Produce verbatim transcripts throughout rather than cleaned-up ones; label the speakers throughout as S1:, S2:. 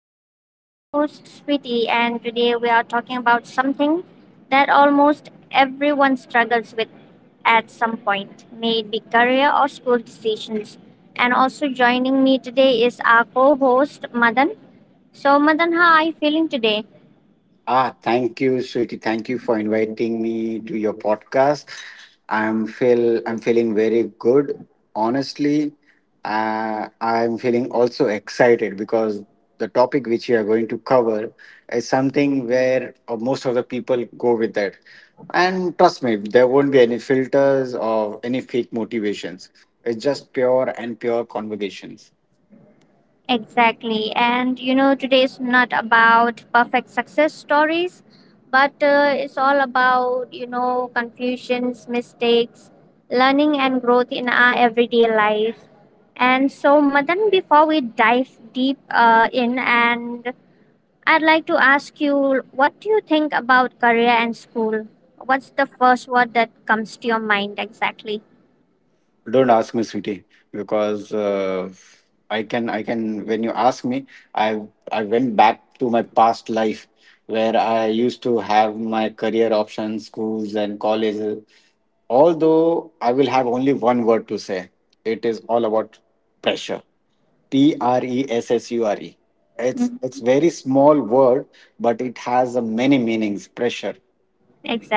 S1: And I'm your host, Sweetie. And today we are talking about something that almost everyone struggles with at some point, may it be career or school decisions. And also joining me today is our co host, Madan. So, Madan, how are you feeling today?
S2: Ah, thank you, Sweetie. Thank you for inviting me to your podcast. I'm feel I'm feeling very good. Honestly, uh, I'm feeling also excited because the topic which we are going to cover is something where uh, most of the people go with that. And trust me, there won't be any filters or any fake motivations. It's just pure and pure conversations.
S1: Exactly. And you know, today is not about perfect success stories, but uh, it's all about, you know, confusions, mistakes, learning, and growth in our everyday life. And so, Madan, before we dive deep uh, in, and I'd like to ask you, what do you think about career and school? What's the first word that comes to your mind exactly?
S2: Don't ask me, Sweetie, because uh, I can I can when you ask me, I I went back to my past life where I used to have my career options, schools and colleges. Although I will have only one word to say, it is all about pressure. P R E S S U R E. It's
S1: Mhm.
S2: it's very small word, but it has a many meanings. Pressure.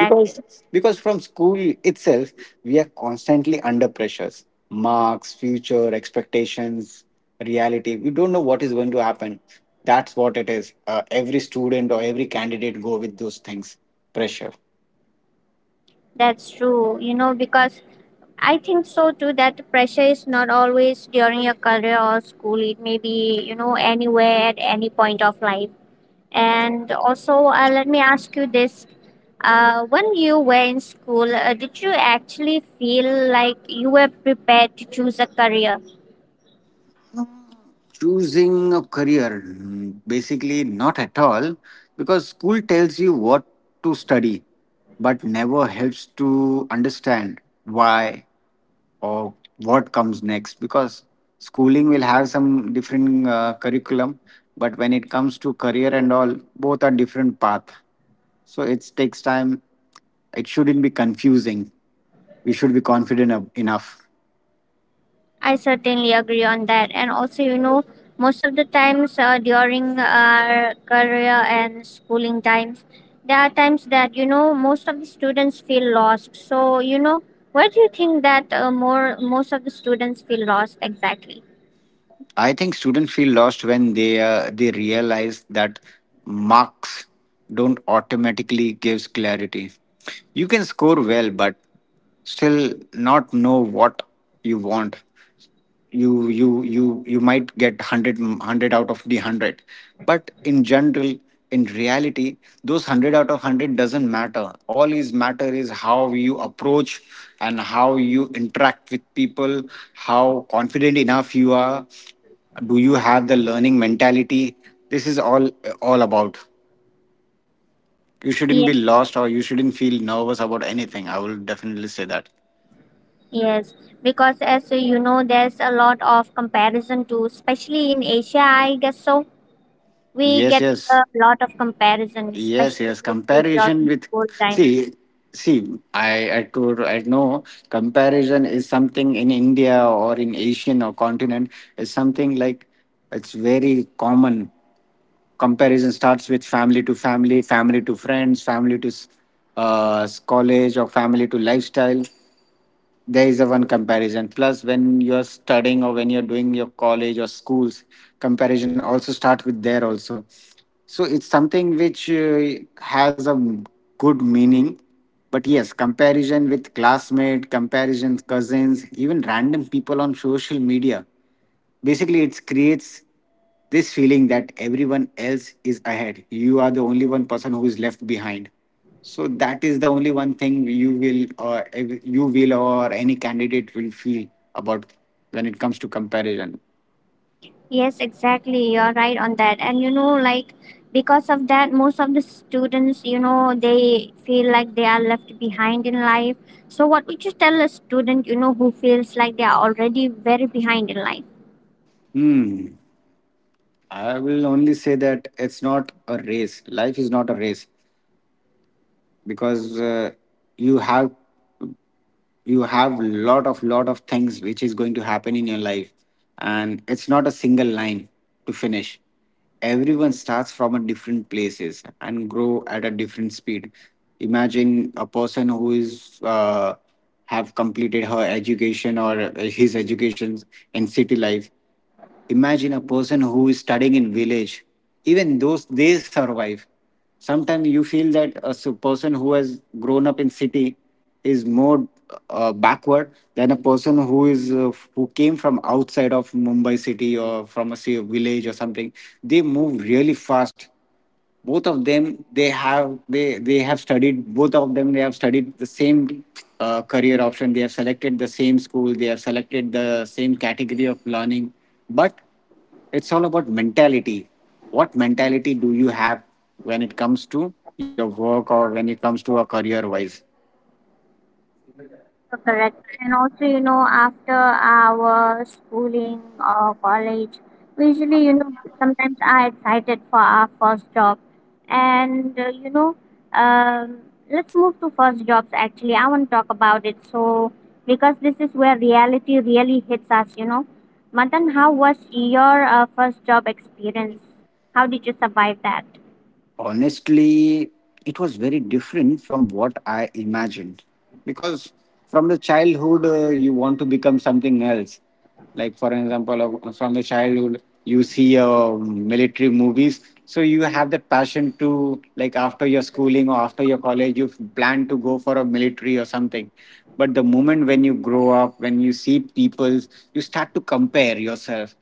S2: because because from school itself, we are constantly under pressures, marks, future expectations, reality. We don't know what is going to happen. That's what it is. Uh, every student or every candidate go with those things. Pressure.
S1: That's true. You know, because I think so too. That pressure is not always during your career or school. It may be, you know, anywhere at any point of life. And also, uh, let me ask you this: uh, When you were in school, uh, did you actually feel like you were prepared to choose a career?
S2: Choosing a career, mm, basically not at all, because school tells you what to study, but never helps to understand why or what comes next. Because schooling will have some different uh, curriculum, but when it comes to career and all, both are different path. So it takes time. It shouldn't be confusing. We should be confident ab- enough.
S1: I certainly agree on that. And also, you know, most of the times uh, during our career and schooling times, there are times that, you know, most of the students feel lost. So, you know, where do you think that uh, more most of the students feel lost exactly?
S2: I think students feel lost when they uh, they realize that marks don't automatically gives clarity. You can score well, but still not know what you want. You you you you might get one hundred, m- one hundred out of the one hundred. But in general, in reality, those one hundred out of one hundred doesn't matter. All is matter is how you approach and how you interact with people, how confident enough you are. Do you have the learning mentality? This is all all about. You shouldn't
S1: Yes,
S2: be lost, or you shouldn't feel nervous about anything. I will definitely say that.
S1: yes. Because as uh, you know, there's a lot of comparison too, especially in Asia, I guess so. We
S2: Yes,
S1: get
S2: yes.
S1: a lot of comparison,
S2: Yes,
S1: especially
S2: yes. Comparison
S1: during
S2: with,
S1: school time.
S2: see, see. I I could I know comparison is something in India or in Asian or continent is something like, it's very common. Comparison starts with family to family, family to friends, family to s- uh, s- college, or family to lifestyle. There is a one comparison. Plus when you're studying or when you're doing your college or schools, comparison also start with there also. So it's something which uh, has a good meaning. But yes, comparison with classmate, comparison cousins, even random people on social media, basically it creates this feeling that everyone else is ahead, you are the only one person who is left behind. So that is the only one thing you will, or ev- you will, or any candidate will feel about when it comes to comparison.
S1: Yes, exactly. You're right on that. And you know, like because of that, most of the students, you know, they feel like they are left behind in life. So what would you tell a student, you know, who feels like they are already very behind in life?
S2: I will only say that it's not a race. Life is not a race, because uh, you have you have lot of lot of things which is going to happen in your life, and it's not a single line to finish. Everyone starts from a different places and grow at a different speed. Imagine a person who is uh, have completed her education or his education in city life. Imagine a person who is studying in village. Even those, they survive. Sometimes you feel that a s- person who has grown up in city is more uh, backward than a person who is uh, who came from outside of Mumbai city, or from a, say, village or something. They move really fast, both of them. They have they they have studied. Both of them, they have studied the same uh, career option. They have selected the same school, they have selected the same category of learning. But it's all about mentality. What mentality do you have when it comes to your work or when it comes to a career wise?
S1: So correct. And also, you know, after our schooling or college, we usually, you know, sometimes are excited for our first job. And, uh, you know, um, let's move to first jobs actually. I want to talk about it. So, because this is where reality really hits us, you know. Madan, how was your uh, first job experience? How did you survive that?
S2: Honestly, it was very different from what I imagined, because from the childhood, uh, you want to become something else. Like, for example, uh, from the childhood, you see uh, military movies. So you have the passion to, like, after your schooling or after your college, you plan to go for a military or something. But the moment when you grow up, when you see people, you start to compare yourself.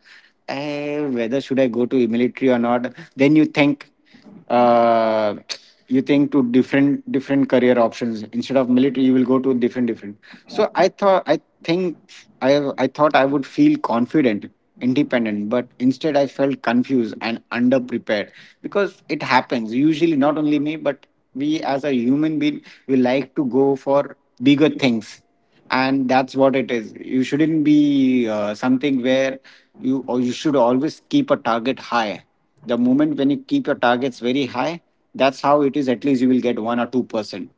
S2: Eh, whether should I go to military or not? Then you think uh, you think to different different career options. Instead of military, you will go to different different. So i thought i think i i thought I would feel confident, independent, but instead I felt confused and underprepared. Because it happens usually, not only me, but we as a human being, we like to go for bigger things. And that's what it is. You shouldn't be uh, something where you, or you should always keep a target high. The moment when you keep your targets very high, that's how it is. At least you will get one or two percent.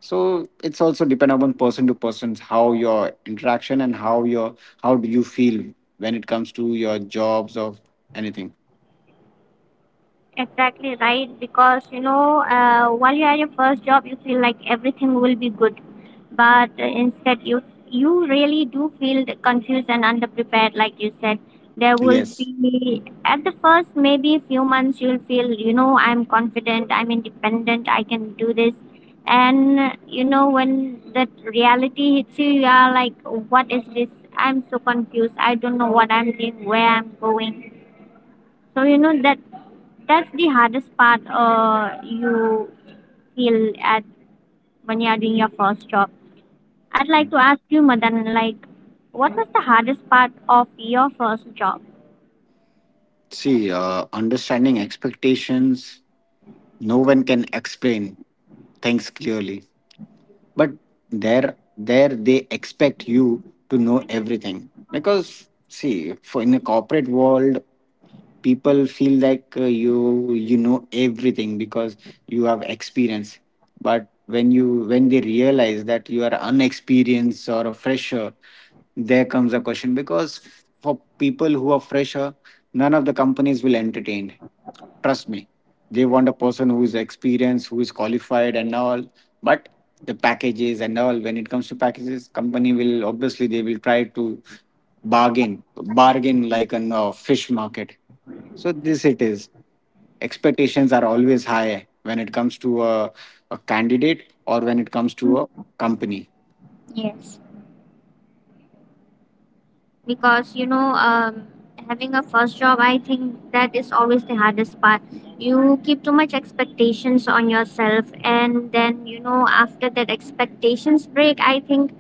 S2: So it's also depend upon person to person, how your interaction and how your how do you feel when it comes to your jobs or anything.
S1: Exactly right, because you know, uh, while you are your first job, you feel like everything will be good, but uh, instead you you really do feel the confused and underprepared, like you said. There will
S2: Yes.
S1: be at the first maybe few months you'll feel you know I'm confident, I'm independent, I can do this, and uh, you know when that reality hits you, you are like, what is this? I'm so confused. I don't know what I'm doing, where I'm going. So you know that that's the hardest part uh, you feel at when you're doing your first job. I'd like to ask you, Madan, like, what was the hardest part of your first job?
S2: See, uh, understanding expectations. No one can explain things clearly. But there there they expect you to know everything, because see, for in the corporate world, people feel like uh, you you know everything because you have experience. But when you when they realize that you are unexperienced or a fresher, there comes a question. Because for people who are fresher, none of the companies will entertain, trust me. They want a person who is experienced, who is qualified and all. But the packages and all, when it comes to packages, company will obviously, they will try to bargain, bargain like a uh, fish market. So this it is. Expectations are always high when it comes to a, a candidate, or when it comes to a
S1: Mm,
S2: company.
S1: Yes, because you know, um, having a first job, I think that is always the hardest part. You keep too much expectations on yourself, and then you know, after that expectations break, I think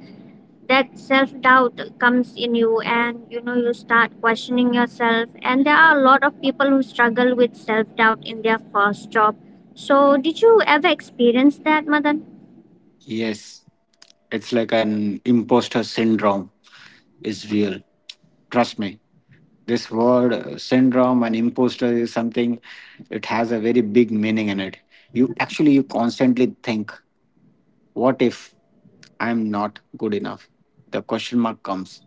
S1: that self doubt comes in you, and you know you start questioning yourself, and there are a lot of people who struggle with self doubt in their first job. So did you ever experience that, Madan?
S2: Yes, it's like an imposter syndrome is real, trust me. This word uh, syndrome and imposter is something. It has a very big meaning in it. You actually, you constantly think, what if I'm not good enough? The question mark comes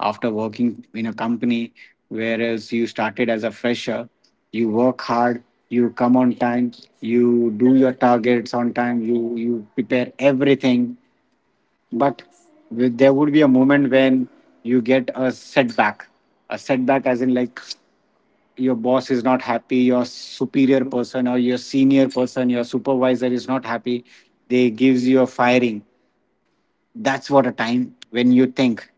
S2: after working in a company, whereas you started as a fresher. You work hard, you come on time, you do your targets on time, you, you prepare everything. But with- there would be a moment when you get a setback. A setback, as in, like, your boss is not happy, your superior person or your senior person, your supervisor is not happy, they gives you a firing. That's what a time when you think,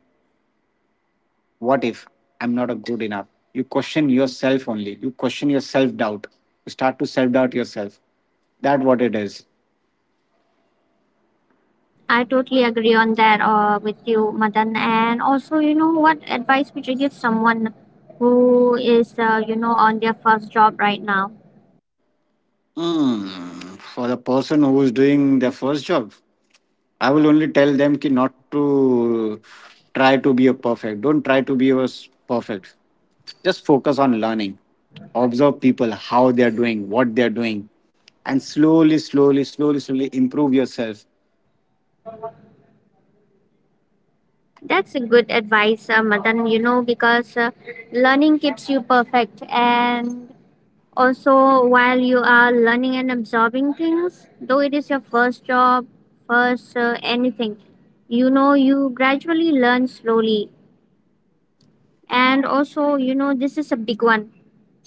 S2: what if I'm not a good enough? You question yourself only. You question your self doubt. You start to self doubt yourself. That what it is.
S1: I totally agree on that uh, with you, Madan. And also, you know what advice would you give someone who is uh, you know on their first job right now?
S2: For the person who is doing their first job, I will only tell them ki not to try to be a perfect. Don't try to be a s- perfect. Just focus on learning. Observe people, how they are doing, what they are doing, and slowly, slowly, slowly, slowly improve yourself.
S1: That's a good advice, uh, Madan. You know because uh, learning keeps you perfect. And also, while you are learning and absorbing things, though it is your first job, first uh, anything, you know, you gradually learn slowly. And also, you know, this is a big one.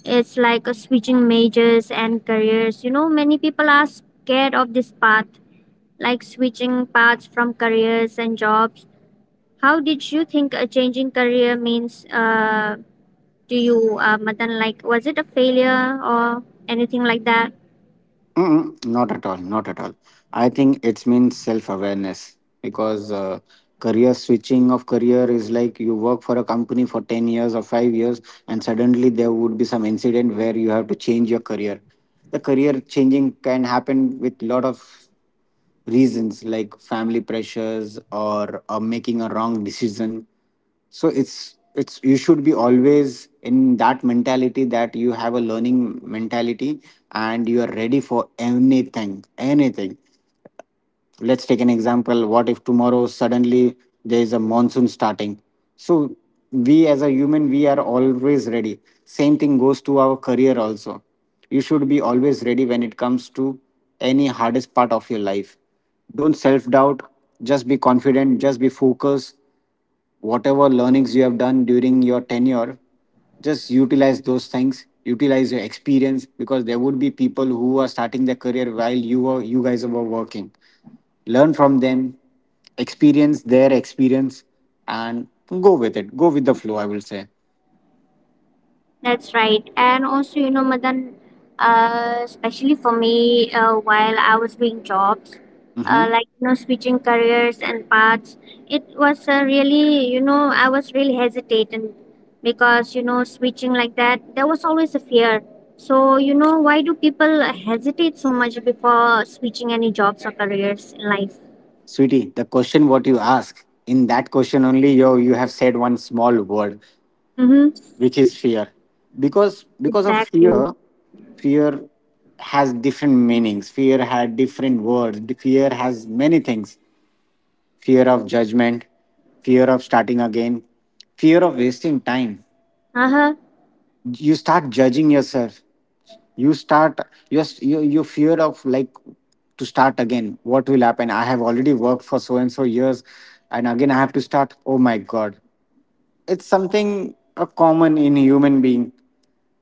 S1: It's like uh, switching majors and careers. You know, many people are scared of this path, like switching paths from careers and jobs. How did you think uh, changing career means uh, to you, uh, Madan? Like, was it a failure or anything like that?
S2: Mm-mm, not at all. Not at all. I think it's means self awareness, because uh, career, switching of career is like you work for a company for ten years or five years, and suddenly there would be some incident where you have to change your career. The career changing can happen with lot of reasons, like family pressures, or, or making a wrong decision. So it's it's you should be always in that mentality, that you have a learning mentality and you are ready for anything anything. Let's take an example. What if tomorrow suddenly there is a monsoon starting? So we as a human, we are always ready. Same thing goes to our career also. You should be always ready when it comes to any hardest part of your life. Don't self doubt. Just be confident, just be focused. Whatever learnings you have done during your tenure, just utilize those things, utilize your experience, because there would be people who are starting their career while you were you guys were working. Learn from them, experience their experience, and go with it. Go with the flow, I will say.
S1: That's right. And also, you know, Madan, uh, especially for me, uh, while I was doing jobs,
S2: Hmm.
S1: uh, like, you know, switching careers and paths, it was uh, really, you know, I was really hesitant because, you know, switching like that, there was always a fear. So, you know, why do people hesitate so much before switching any jobs or careers in life?
S2: Sweetie, the question what you ask, in that question only, yo, you have said one small word,
S1: Mm-hmm.
S2: which is fear. Because because of
S1: Exactly.
S2: fear, fear has different meanings. Fear had different words. The fear has many things. Fear of judgment, fear of starting again, fear of wasting time.
S1: Uh-huh.
S2: You start judging yourself, you start you're you you fear of like to start again. What will happen? I have already worked for so and so years and again I have to start. Oh my god, it's something uh, common in human being.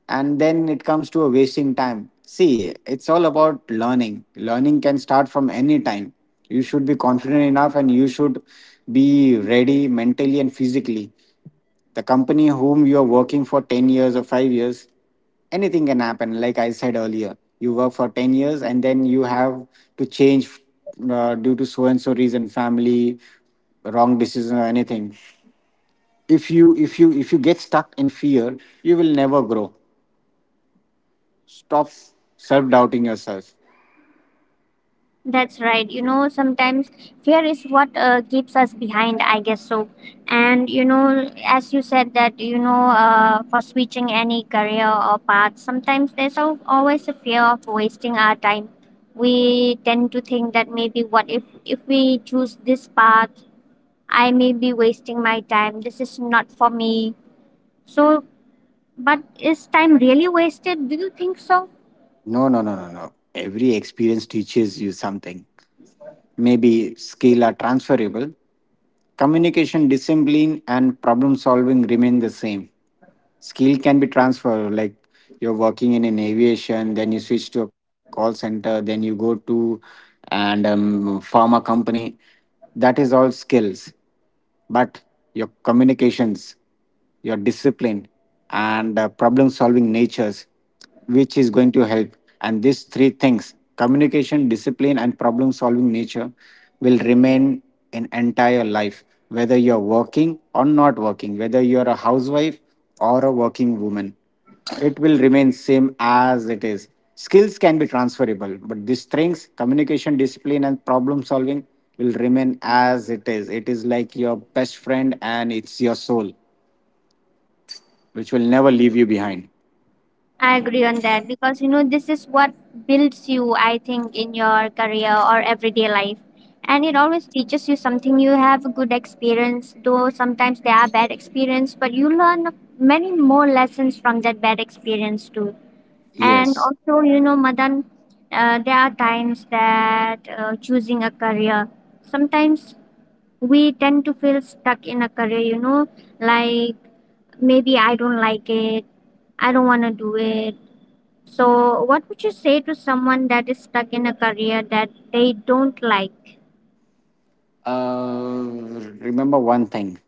S2: And then it comes to a wasting time. See, it's all about learning. Learning can start from any time. You should be confident enough and you should be ready mentally and physically. The company whom you are working for ten years or five years, anything can happen. Like I said earlier, you work for ten years and then you have to change uh, due to so and so reason, family, wrong decision or anything. If you if you if you get stuck in fear, you will never grow. Stop self doubting yourself.
S1: That's right. You know, sometimes fear is what uh, keeps us behind, I guess so. And, you know, as you said, that, you know, uh, for switching any career or path, sometimes there's al- always a fear of wasting our time. We tend to think that maybe what if, if we choose this path, I may be wasting my time. This is not for me. So, but is time really wasted? Do you think so?
S2: No, no, no, no, no, every experience teaches you something. Maybe skill are transferable, communication, discipline, and problem solving remain the same. Skill can be transferred, like you're working in an aviation, then you switch to a call center, then you go to and um, pharma company. That is all skills, but your communications, your discipline, and uh, problem solving natures, which is going to help. And these three things, communication, discipline, and problem solving nature, will remain in entire life, whether you're working or not working, whether you're a housewife or a working woman, it will remain same as it is. Skills can be transferable, but the strengths, communication, discipline and problem solving, will remain as it is. It is like your best friend and it's your soul, which will never leave you behind.
S1: I agree on that because you know this is what builds you, I think, in your career or everyday life. And it always teaches you something. You have a good experience, though sometimes they are bad experience. But you learn many more lessons from that bad experience too. And
S2: Yes.
S1: also, you know Madan, uh, there are times that uh, choosing a career, sometimes we tend to feel stuck in a career, you know like maybe I don't like it, I don't want to do it. So, what would you say to someone that is stuck in a career that they don't like?
S2: uh, Remember one thing,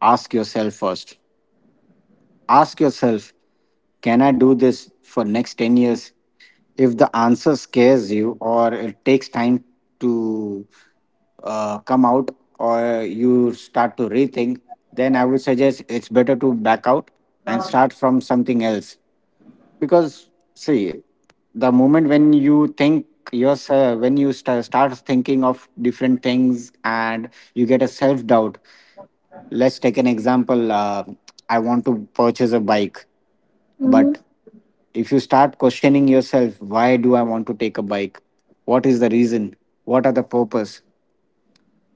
S2: ask yourself first. Ask yourself, can I do this for next ten years? If the answer scares you, or it takes time to uh, come out, or you start to rethink, then I would suggest it's better to back out and start from something else. Because, see, the moment when you think yourself, when you sta- start thinking of different things and you get a self doubt. Let's take an example. uh, I want to purchase a bike,
S1: Mm-hmm.
S2: but if you start questioning yourself, why do I want to take a bike, what is the reason, what are the purpose?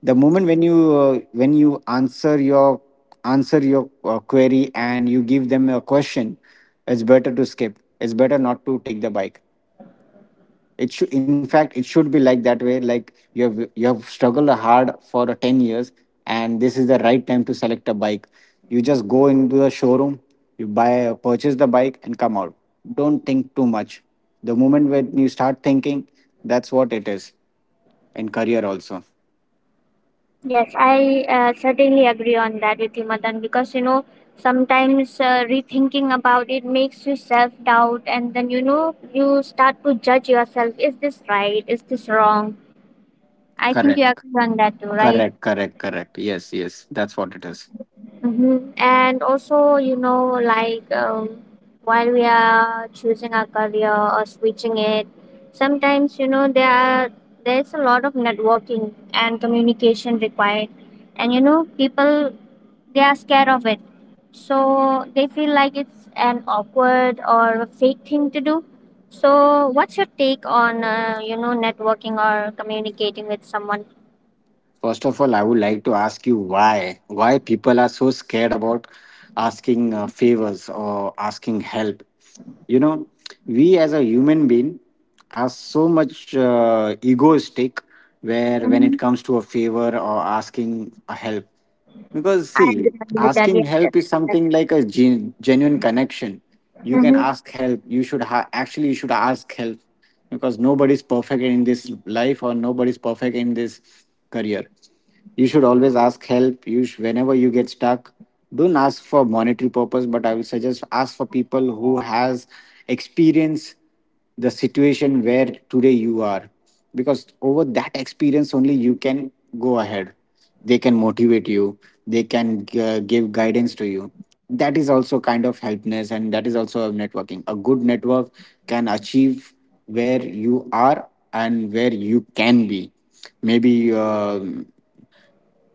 S2: The moment when you uh, when you answer your answer your uh, query and you give them a question, it's better to skip. It's better not to take the bike. It should, in fact it should be like that way, like you have you have struggled hard for uh, ten years and this is the right time to select a bike. You just go into the showroom, you buy, uh, purchase the bike and come out. Don't think too much. The moment when you start thinking, that's what it is. In career also.
S1: Yes, I uh, certainly agree on that with you, Madan, because you know, sometimes uh, rethinking about it makes you self doubt, and then you know, you start to judge yourself. Is this right? Is this wrong? I think you
S2: Correct.
S1: agree on that too, right?
S2: Correct, correct, correct. Yes, yes, that's what it is.
S1: Mm-hmm. And also, you know, like um, while we are choosing our career or switching it, sometimes you know there are there's a lot of networking and communication required, and you know people, they are scared of it, so they feel like it's an awkward or a fake thing to do. So, what's your take on uh, you know networking or communicating with someone?
S2: First of all, I would like to ask you, why why people are so scared about asking uh, favors or asking help. You know, we as a human being are so much uh, egoistic, where when
S1: Mm-hmm.
S2: it comes to a favor or asking a help. Because,
S1: I
S2: see,
S1: agree with that.
S2: asking
S1: Yes.
S2: help is something like a gen- genuine connection. You can
S1: Mm-hmm.
S2: ask help. You should ha- actually you should ask help, because nobody's perfect in this life or nobody's perfect in this career. You should always ask help. You sh- whenever you get stuck, don't ask for monetary purpose, but I will suggest ask for people who has experience the situation where today you are, because over that experience only you can go ahead. They can motivate you, they can uh, give guidance to you. That is also kind of helpness, and that is also a networking. A good network can achieve where you are and where you can be. Maybe uh,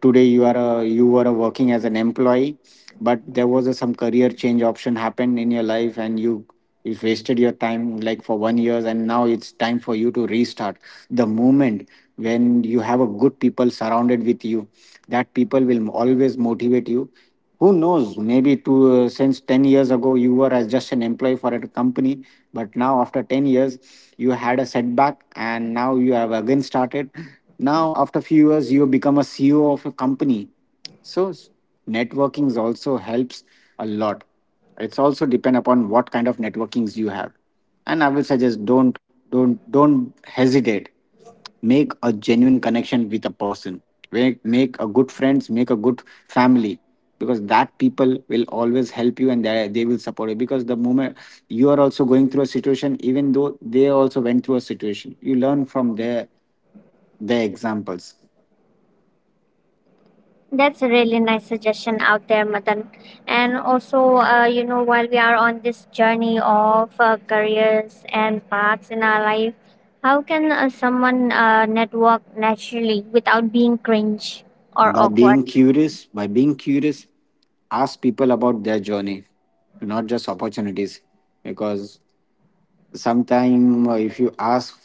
S2: today you are a, you were a working as an employee, but there was a, some career change option happened in your life, and you you wasted your time like for one years, and now it's time for you to restart. The moment when you have a good people surrounded with you, that people will always motivate you. Who knows, maybe two uh, since ten years ago you were as just an employee for a company, but now after ten years, you had a setback and now you have again started. Now after few years, you become a C E O of a company. So s- networkings also helps a lot. It's also depend upon what kind of networkings you have. And I will suggest, don't don't don't hesitate. Make a genuine connection with a person. Make, make a good friends, make a good family, because that people will always help you and they, they will support you. Because the moment, you are also going through a situation, even though they also went through a situation, you learn from their their examples.
S1: That's a really nice suggestion out there, Madan. And also, uh, you know, while we are on this journey of uh, careers and paths in our life, how can uh, someone uh, network naturally without being cringe or
S2: By
S1: awkward?
S2: being curious, by being curious, ask people about their journey, not just opportunities. Because sometime, uh, if you ask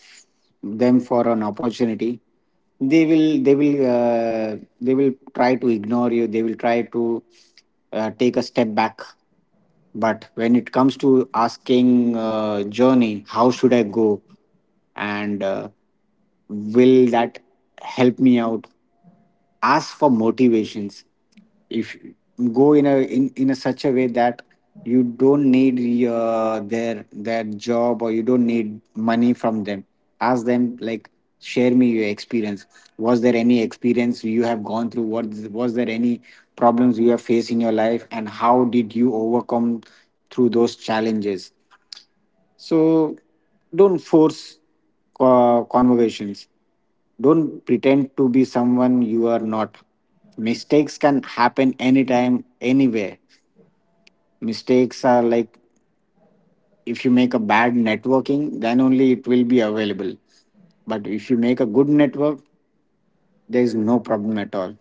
S2: them for an opportunity, they will they will uh, they will try to ignore you, they will try to uh, take a step back. But when it comes to asking uh, journey, how should I go, and uh, will that help me out, ask for motivations. If go in a in, in a such a way that you don't need your their their job, or you don't need money from them. Ask them like, share me your experience. Was there any experience you have gone through? What was there any problems you have faced in your life, and how did you overcome through those challenges? So, don't force co- conversations. Don't pretend to be someone you are not. Mistakes can happen anytime, anywhere. Mistakes are like, if you make a bad networking, then only it will be available. But if you make a good network, there is no problem at all.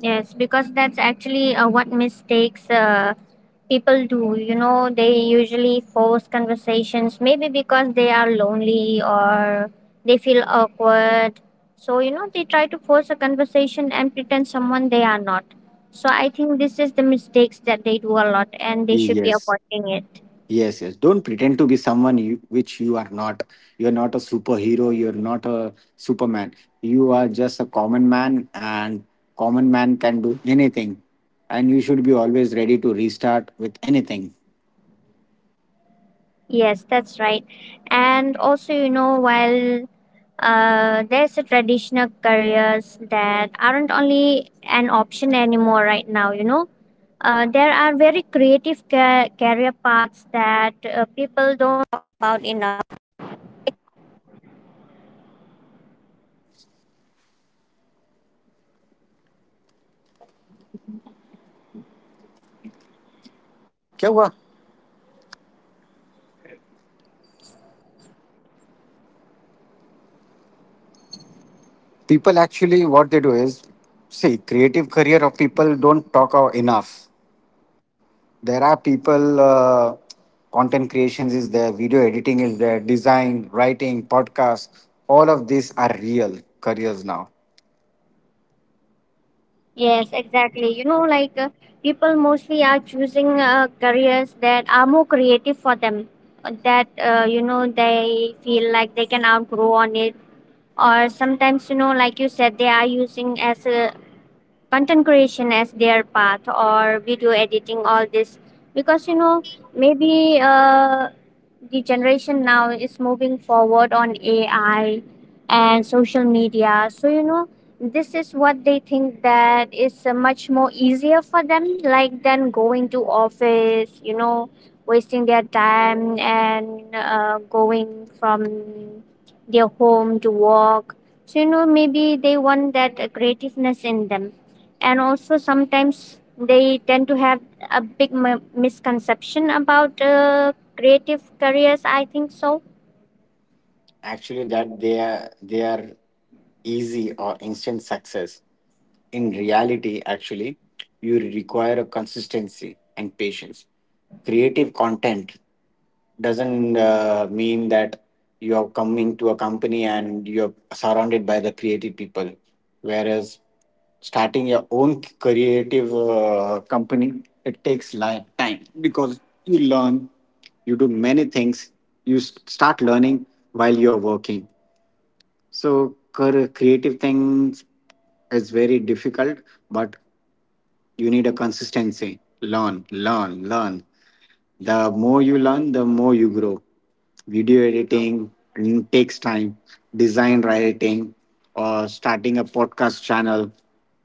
S1: Yes, because that's actually uh, what mistakes uh, people do, you know they usually force conversations maybe because they are lonely or they feel awkward. So you know they try to force a conversation and pretend someone they are not. So I think this is the mistakes that they do a lot, and they should be
S2: Yes.
S1: avoiding it.
S2: Yes, yes. Don't pretend to be someone you, which you are not. You're not a superhero. You're not a Superman. You are just a common man, and common man can do anything. And you should be always ready to restart with anything.
S1: Yes, that's right. And also, you know while uh, there's a traditional careers that aren't only an option anymore right now you know Uh, there are very creative ca- career paths that uh, people don't talk about enough.
S3: क्या हुआ? People actually what they do is, see, creative career of people don't talk out enough. There are people uh, content creations is there, video editing is there, design writing, podcast. All of these are real careers now.
S1: Yes, exactly. You know, like uh, people mostly are choosing uh, careers that are more creative for them, uh, that, uh, you know, they feel like they can outgrow on it. Or sometimes, you know, like you said, they are using as a content creation as their path, or video editing, all this because you know maybe uh, the generation now is moving forward on AI and social media. So you know this is what they think that is uh, much more easier for them, like than going to office, you know wasting their time and uh, going from their home to work. So you know maybe they want that uh, creativeness in them. And also sometimes they tend to have a big m- misconception about uh, creative careers, I think so.
S3: Actually that they are, they are easy or instant success. In reality actually you require a consistency and patience. Creative content doesn't uh, mean that you're coming to a company and you're surrounded by the creative people, whereas starting your own creative uh, company, it takes li- time, because you learn, you do many things, you s- start learning while you're working. So cur- creative things is very difficult, but you need a consistency. Learn, learn, learn. The more you learn, the more you grow. Video editing mm, takes time. Design writing, or starting a podcast channel,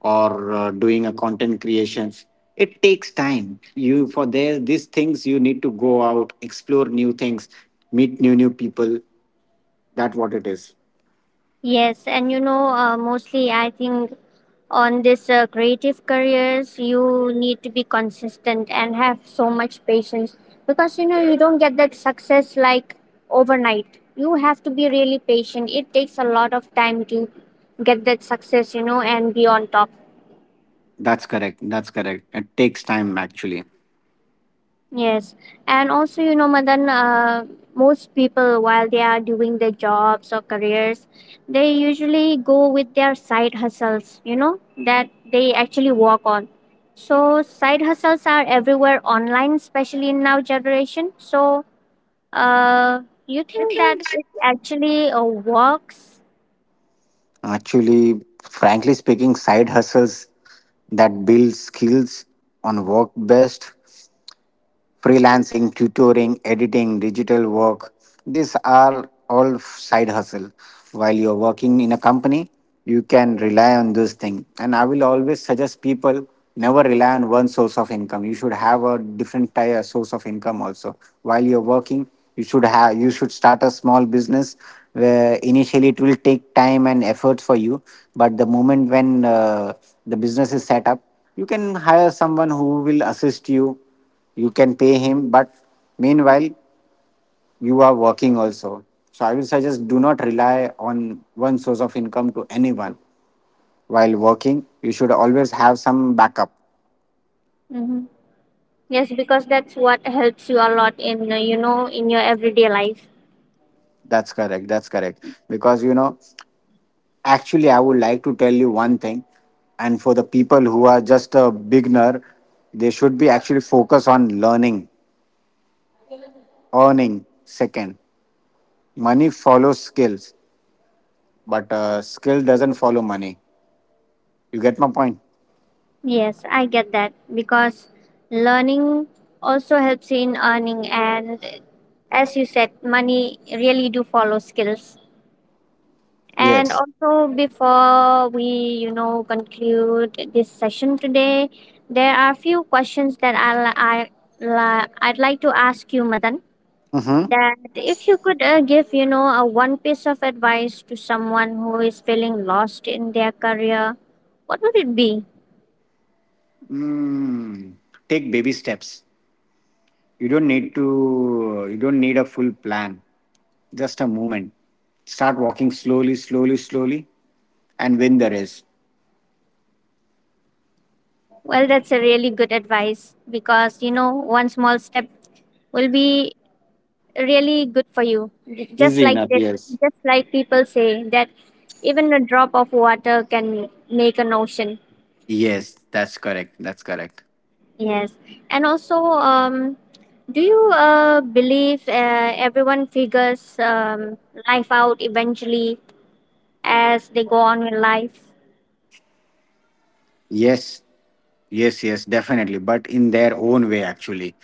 S3: or uh, doing a content creations. It takes time. You for there these things you need to go out, explore new things, meet new new people. That what it is.
S1: Yes, and you know uh, mostly I think on this uh, creative careers, you need to be consistent and have so much patience, because you know you don't get that success like overnight. You have to be really patient. It takes a lot of time to get that success you know and be on top.
S3: That's correct. That's correct. It takes time actually.
S1: Yes, and also you know, Madan, uh, most people while they are doing their jobs or careers, they usually go with their side hustles. You know that they actually work on. So side hustles are everywhere online, especially in now generation. So, uh, you think that it actually uh, works?
S3: Actually, frankly speaking, side hustles that build skills on work best: freelancing, tutoring, editing, digital work. These are all side hustle. While you're working in a company, you can rely on this thing. And I will always suggest people never rely on one source of income. You should have a different type of source of income also. While you're working, you should have you should start a small business where initially it will take time and efforts for you. But the moment when uh, the business is set up, you can hire someone who will assist you, you can pay him, but meanwhile you are working also. So I will suggest, do not rely on one source of income to anyone. While working, you should always have some backup.
S1: Mm-hmm. Yes, because that's what helps you a lot in uh, you know in your everyday life.
S3: That's correct, that's correct, because you know, actually I would like to tell you one thing. And for the people who are just a beginner, they should be actually focus on learning, earning second. Money follows skills, but uh, skill doesn't follow money. You get my point?
S1: Yes, I get that because learning also helps in earning, and as you said, money really do follow skills. And
S3: Yes.
S1: also before we, you know, conclude this session today, there are a few questions that I'll, I, li- I'd like to ask you, Madan.
S3: Hmm.
S1: That if you could uh, give, you know, a one piece of advice to someone who is feeling lost in their career, what would it be?
S3: Mm, take baby steps. You don't need to, you don't need a full plan, just a movement. Start walking slowly, slowly, slowly, and win the race.
S1: Well, that's a really good advice because you know one small step will be really good for you. J- Just
S3: Easy
S1: like
S3: enough,
S1: that,
S3: yes.
S1: just like people say that even a drop of water can make an ocean.
S3: Yes, that's correct. That's correct.
S1: Yes, and also, um, do you uh, believe uh, everyone figures um, life out eventually as they go on in life?
S3: Yes, yes, yes, definitely. But in their own way, actually,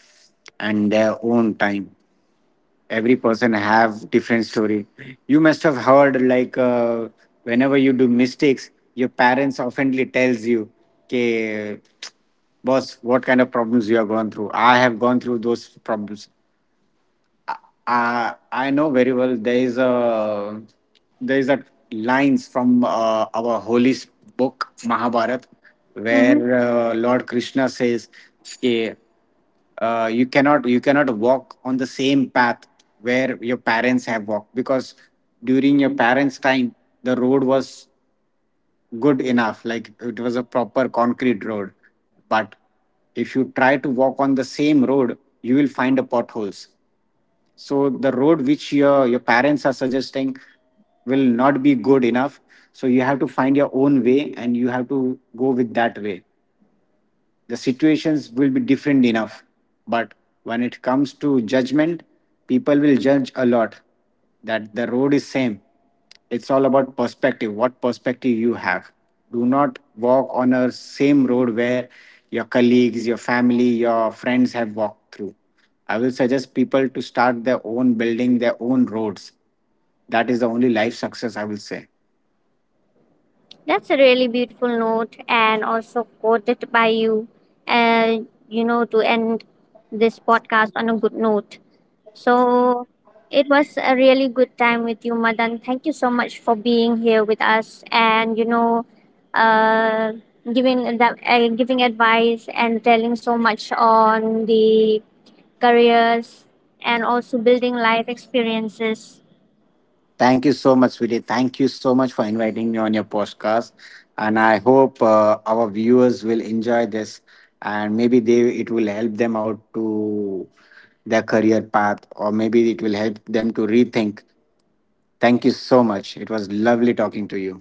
S3: and their own time. Every person have different story. You must have heard, like uh, whenever you do mistakes, your parents oftenly tells you, okay, boss, what kind of problems you have gone through, I have gone through those problems. I I know very well. There is a, there is a lines from uh, our holy s- book Mahabharata,
S1: Mm-hmm.
S3: where uh, Lord Krishna says, "Ke, uh, you cannot, you cannot walk on the same path where your parents have walked, because during your parents' time the road was good enough, like it was a proper concrete road. But if you try to walk on the same road, you will find a potholes. So the road which your your parents are suggesting will not be good enough. So you have to find your own way and you have to go with that way. The situations will be different enough, but when it comes to judgment, people will judge a lot, that the road is same. It's all about perspective, what perspective you have. Do not walk on a same road where your colleagues, your family, your friends have walked through. I will suggest people to start their own, building their own roads. That is the only life success, I will say.
S1: That's a really beautiful note and also quoted by you, uh, you know, to end this podcast on a good note. So it was a really good time with you, Madan. Thank you so much for being here with us and, you know, uh, giving that, uh, giving advice and telling so much on the careers and also building life experiences.
S3: Thank you so much, Vijay. Thank you so much for inviting me on your podcast. And I hope uh, our viewers will enjoy this, and maybe they it will help them out to their career path, or maybe it will help them to rethink. Thank you so much. It was lovely talking to you.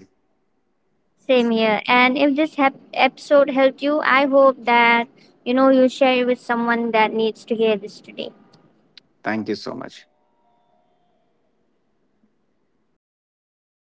S1: Same here. And if this hap episode helped you, I hope that you know you share it with someone that needs to hear this today.
S3: Thank you so much.